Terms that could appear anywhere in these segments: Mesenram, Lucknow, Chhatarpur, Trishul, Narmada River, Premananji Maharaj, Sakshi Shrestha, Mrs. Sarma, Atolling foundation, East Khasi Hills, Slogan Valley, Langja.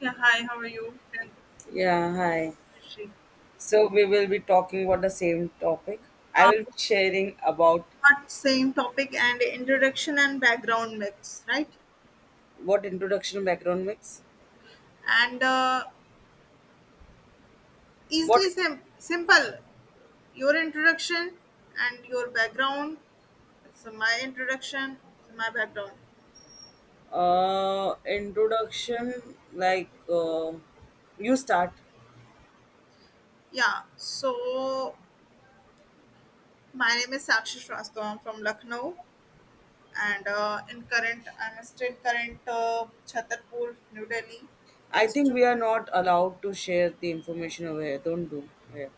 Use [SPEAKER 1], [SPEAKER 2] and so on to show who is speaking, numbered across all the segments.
[SPEAKER 1] Yeah, hi, how are you? And
[SPEAKER 2] Yeah, hi.
[SPEAKER 1] Rishi.
[SPEAKER 2] So we will be talking about the same topic. I
[SPEAKER 1] Uh,
[SPEAKER 2] will be sharing about
[SPEAKER 1] but same topic and introduction and background myths, right?
[SPEAKER 2] what introduction background makes.
[SPEAKER 1] And
[SPEAKER 2] What
[SPEAKER 1] easily simple. Your introduction and your background. It's my introduction, it's my background.
[SPEAKER 2] introduction, like, you start.
[SPEAKER 1] Yeah, so my name is Sakshi Shrestha. I'm from Lucknow. And in current, I'm still current Chhatarpur, New Delhi,
[SPEAKER 2] I
[SPEAKER 1] phase
[SPEAKER 2] think
[SPEAKER 1] two.
[SPEAKER 2] we are not allowed to share the information over here. Don't do. Yeah.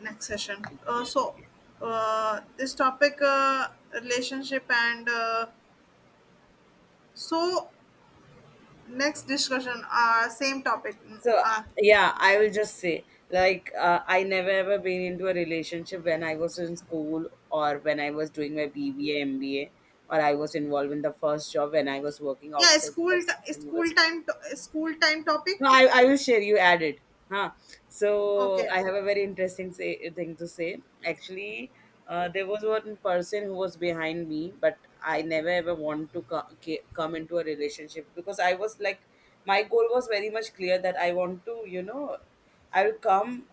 [SPEAKER 1] Next session. This topic relationship and so next discussion, same topic.
[SPEAKER 2] So yeah, I will just say like, I never ever been into a relationship when I was in school, or when I was doing my BBA, MBA, or I was involved in the first job when I was working
[SPEAKER 1] Yeah,
[SPEAKER 2] outside the
[SPEAKER 1] school
[SPEAKER 2] same
[SPEAKER 1] t- school
[SPEAKER 2] university.
[SPEAKER 1] time to- school time topic.
[SPEAKER 2] No, I will share. You added, huh? So
[SPEAKER 1] Okay.
[SPEAKER 2] I have a very interesting, say, thing to say. Actually, there was one person who was behind me, but I never ever want to come into a relationship, because I was like, my goal was very much clear that I want to, you know, I will come.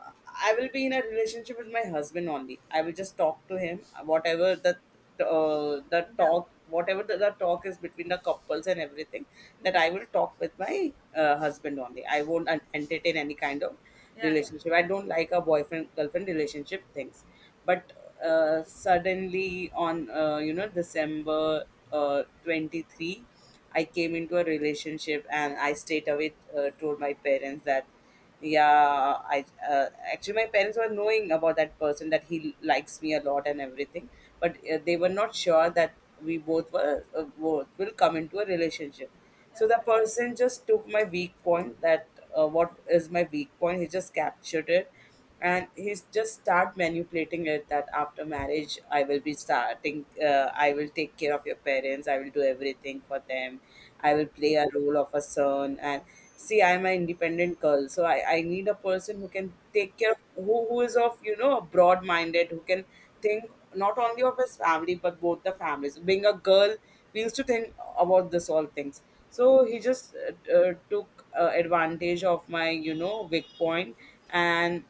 [SPEAKER 2] I will be in a relationship with my husband only. I will just talk to him, whatever the the
[SPEAKER 1] Yeah,
[SPEAKER 2] talk, whatever the talk is between the couples and everything, that
[SPEAKER 1] yeah,
[SPEAKER 2] I will talk with my husband only. I won't entertain any kind of
[SPEAKER 1] yeah, yeah,
[SPEAKER 2] relationship. I don't like a boyfriend girlfriend relationship things. But suddenly on, you know, December 23, I came into a relationship, and I straight away told my parents that, yeah, I uh, actually, my parents were knowing about that person, that he likes me a lot and everything, but they were not sure that we both were, both will come into a relationship.
[SPEAKER 1] yeah,
[SPEAKER 2] So the
[SPEAKER 1] yeah,
[SPEAKER 2] person just took my weak point, that what is my weak point, he just captured it. And he's just start manipulating it, that after marriage I will be starting, I will take care of your parents, I will do everything for them, I will play a role of a son. And see, I'm an independent girl, so I need a person who can take care of, who is of, you know, broad minded, who can think not only of his family but both the families. Being a girl, we used to think about this all things. So he just took advantage of my, you know, weak point. And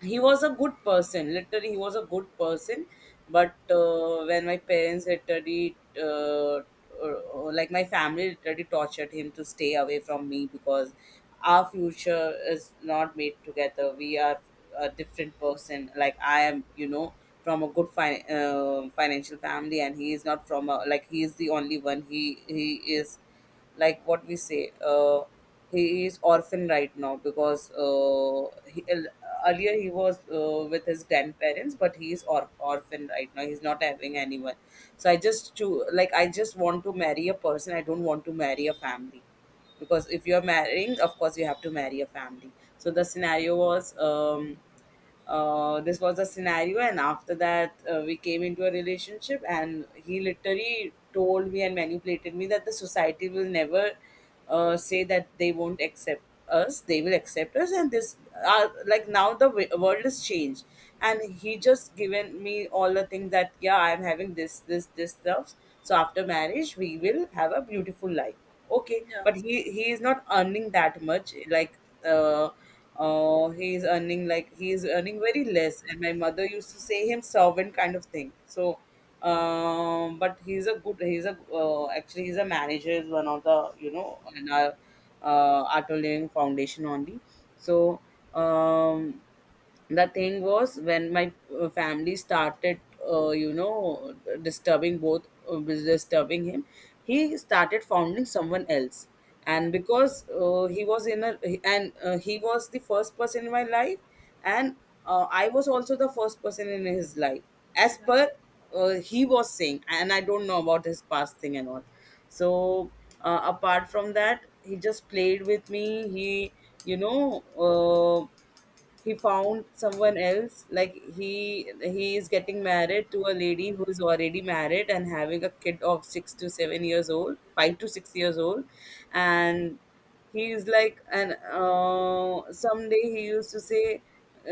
[SPEAKER 2] he was a good person, literally he was a good person. But when my parents literally like my family literally tortured him to stay away from me, because our future is not made together. We are a different person, like I am, you know, from a good financial family, and he is not from a, like, he is the only one, he is, like, what we say, he is orphan right now, because earlier he was with his grandparents, but he is orphan right now, he's not having anyone. So I just to, like, I just want to marry a person, I don't want to marry a family, because if you're marrying, of course you have to marry a family. So the scenario was, this was a scenario. And after that we came into a relationship, and he literally told me and manipulated me that the society will never say that, they won't accept us, they will accept us, and this like now the world has changed. And he just given me all the things that, yeah, I'm having this this this stuff, so after marriage we will have a beautiful life. Okay,
[SPEAKER 1] yeah,
[SPEAKER 2] but he is not earning that much, like uh he's earning, like, he's earning very less, and my mother used to say him servant kind of thing. So but he's a good, he's a, actually he's a manager, is one of the, you know, in our Atolling foundation only. So um the thing was, when my family started you know, disturbing both, disturbing him, he started founding someone else. And because he was in a, and he was the first person in my life, and I was also the first person in his life, as
[SPEAKER 1] yeah,
[SPEAKER 2] per he was saying. And I don't know about his past thing and all. So apart from that, he just played with me. He, you know, he found someone else, like, he is getting married to a lady who is already married and having a kid of 6 to 7 years old, 5 to 6 years old. And he's like, and someday he used to say,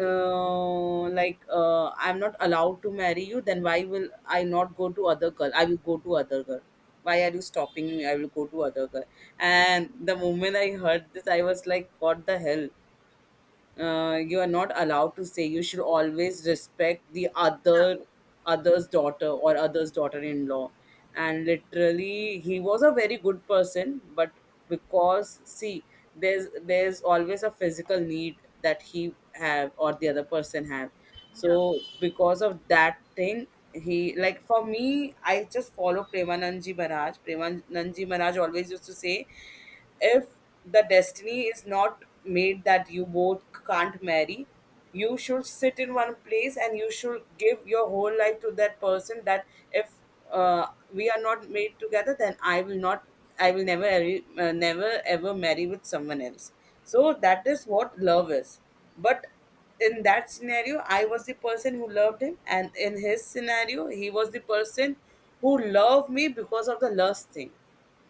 [SPEAKER 2] I'm not allowed to marry you, then why will I not go to other girl, I will go to other girl. Why are you stopping me, I will go to other girl. And the moment I heard this, I was like, what the hell. You are not allowed to say. You should always respect the
[SPEAKER 1] Yeah.
[SPEAKER 2] other, other's daughter or other's daughter-in-law. And literally he was a very good person, but because, see, there's always a physical need that he have or the other person have.
[SPEAKER 1] yeah.
[SPEAKER 2] So because of that thing, he like, for me, I just follow Premananji Maharaj. Premananji Maharaj always used to say, if the destiny is not made that you both can't marry, you should sit in one place, and you should give your whole life to that person, that if uh, we are not made together, then I will not I will never ever, never ever marry with someone else. So that is what love is. But in that scenario, I was the person who loved him, and in his scenario he was the person who loved me because of the lust thing.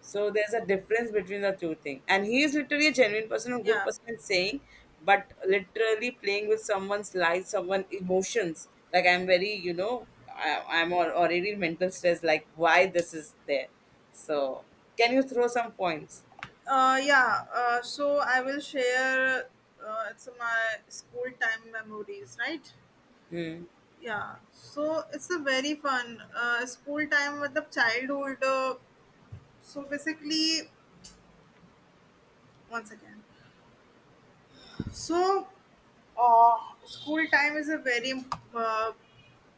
[SPEAKER 2] So there's a difference between the two things. And he is literally a genuine person, a good
[SPEAKER 1] Yeah.
[SPEAKER 2] person in saying, but literally playing with someone's life, someone's emotions. Like, I'm very, you know, I'm already in mental stress. Like, why this is there. So can you throw some points?
[SPEAKER 1] Yeah. So I will share. It's my school time memories, right?
[SPEAKER 2] Mm.
[SPEAKER 1] Yeah so it's a very fun school time with the childhood. So basically, once again, so, uh, school time is a very uh,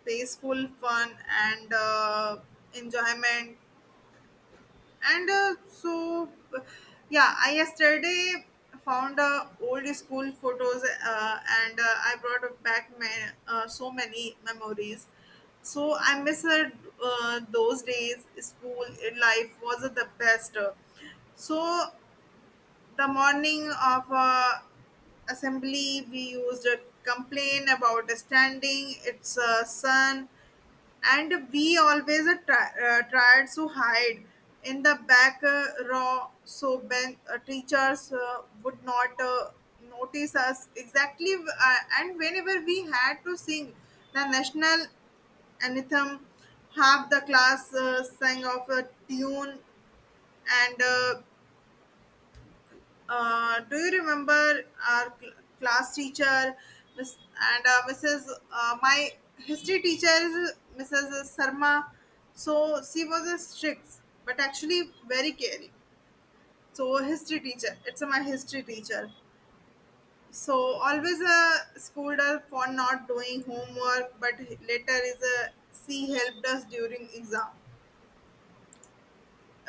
[SPEAKER 1] peaceful fun and enjoyment. And so uh, yeah, I yesterday found old school photos, and I brought back my so many memories. So I miss, those days school life was the best. So the morning of, assembly, we used a complain about standing it's sun, and we always tried to hide in the back row so teachers would not notice us exactly. And whenever we had to sing the national anthem, half the class sang of a tune. And do you remember our class teacher, Miss and Mrs. My history teacher is Mrs. Sarma. So she was a strict, but actually very caring. So history teacher, it's my history teacher. So always schooled us for not doing homework, but later is a she helped us during exam.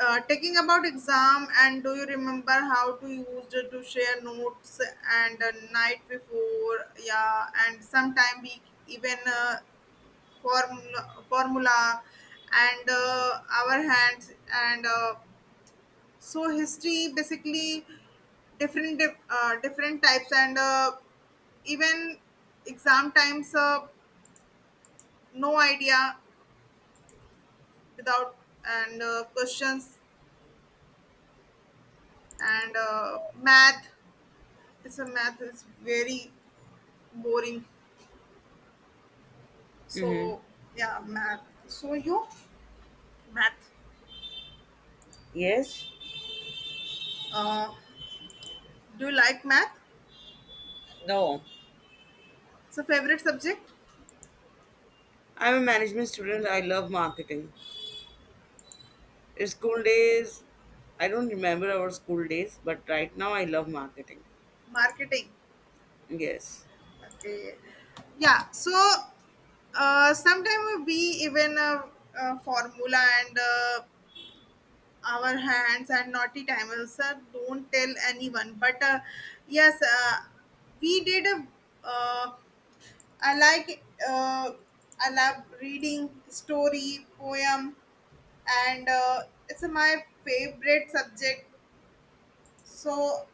[SPEAKER 1] Taking about exam, and do you remember how to use it to share notes and night before. Yeah, and sometime we even, formula and our hands, and so history basically different different types, and even exam times, no idea without, and questions, and math. It's a math is very boring.
[SPEAKER 2] Mm-hmm.
[SPEAKER 1] So yeah, math. So you math.
[SPEAKER 2] Yes.
[SPEAKER 1] uh, do you like math?
[SPEAKER 2] No.
[SPEAKER 1] It's a favorite subject.
[SPEAKER 2] I'm a management student. I love marketing. In school days, I don't remember our school days, but right now I love marketing.
[SPEAKER 1] Marketing.
[SPEAKER 2] Yes.
[SPEAKER 1] Okay, yeah. So sometimes we even, formula, and our hands, and naughty timers, don't tell anyone, but yes, we did a, uh, I like, I love reading story, poem, and it's my favorite subject. So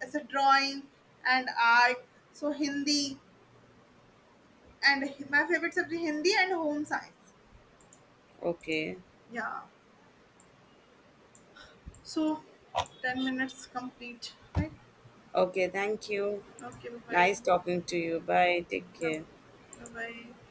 [SPEAKER 1] it's a drawing and art. So Hindi and my favorite subject Hindi and home science.
[SPEAKER 2] Okay.
[SPEAKER 1] Yeah. So 10 minutes complete, right?
[SPEAKER 2] Okay, thank you.
[SPEAKER 1] Okay. Bye
[SPEAKER 2] Nice talking to you. Bye. Take
[SPEAKER 1] bye.
[SPEAKER 2] care.
[SPEAKER 1] Bye bye.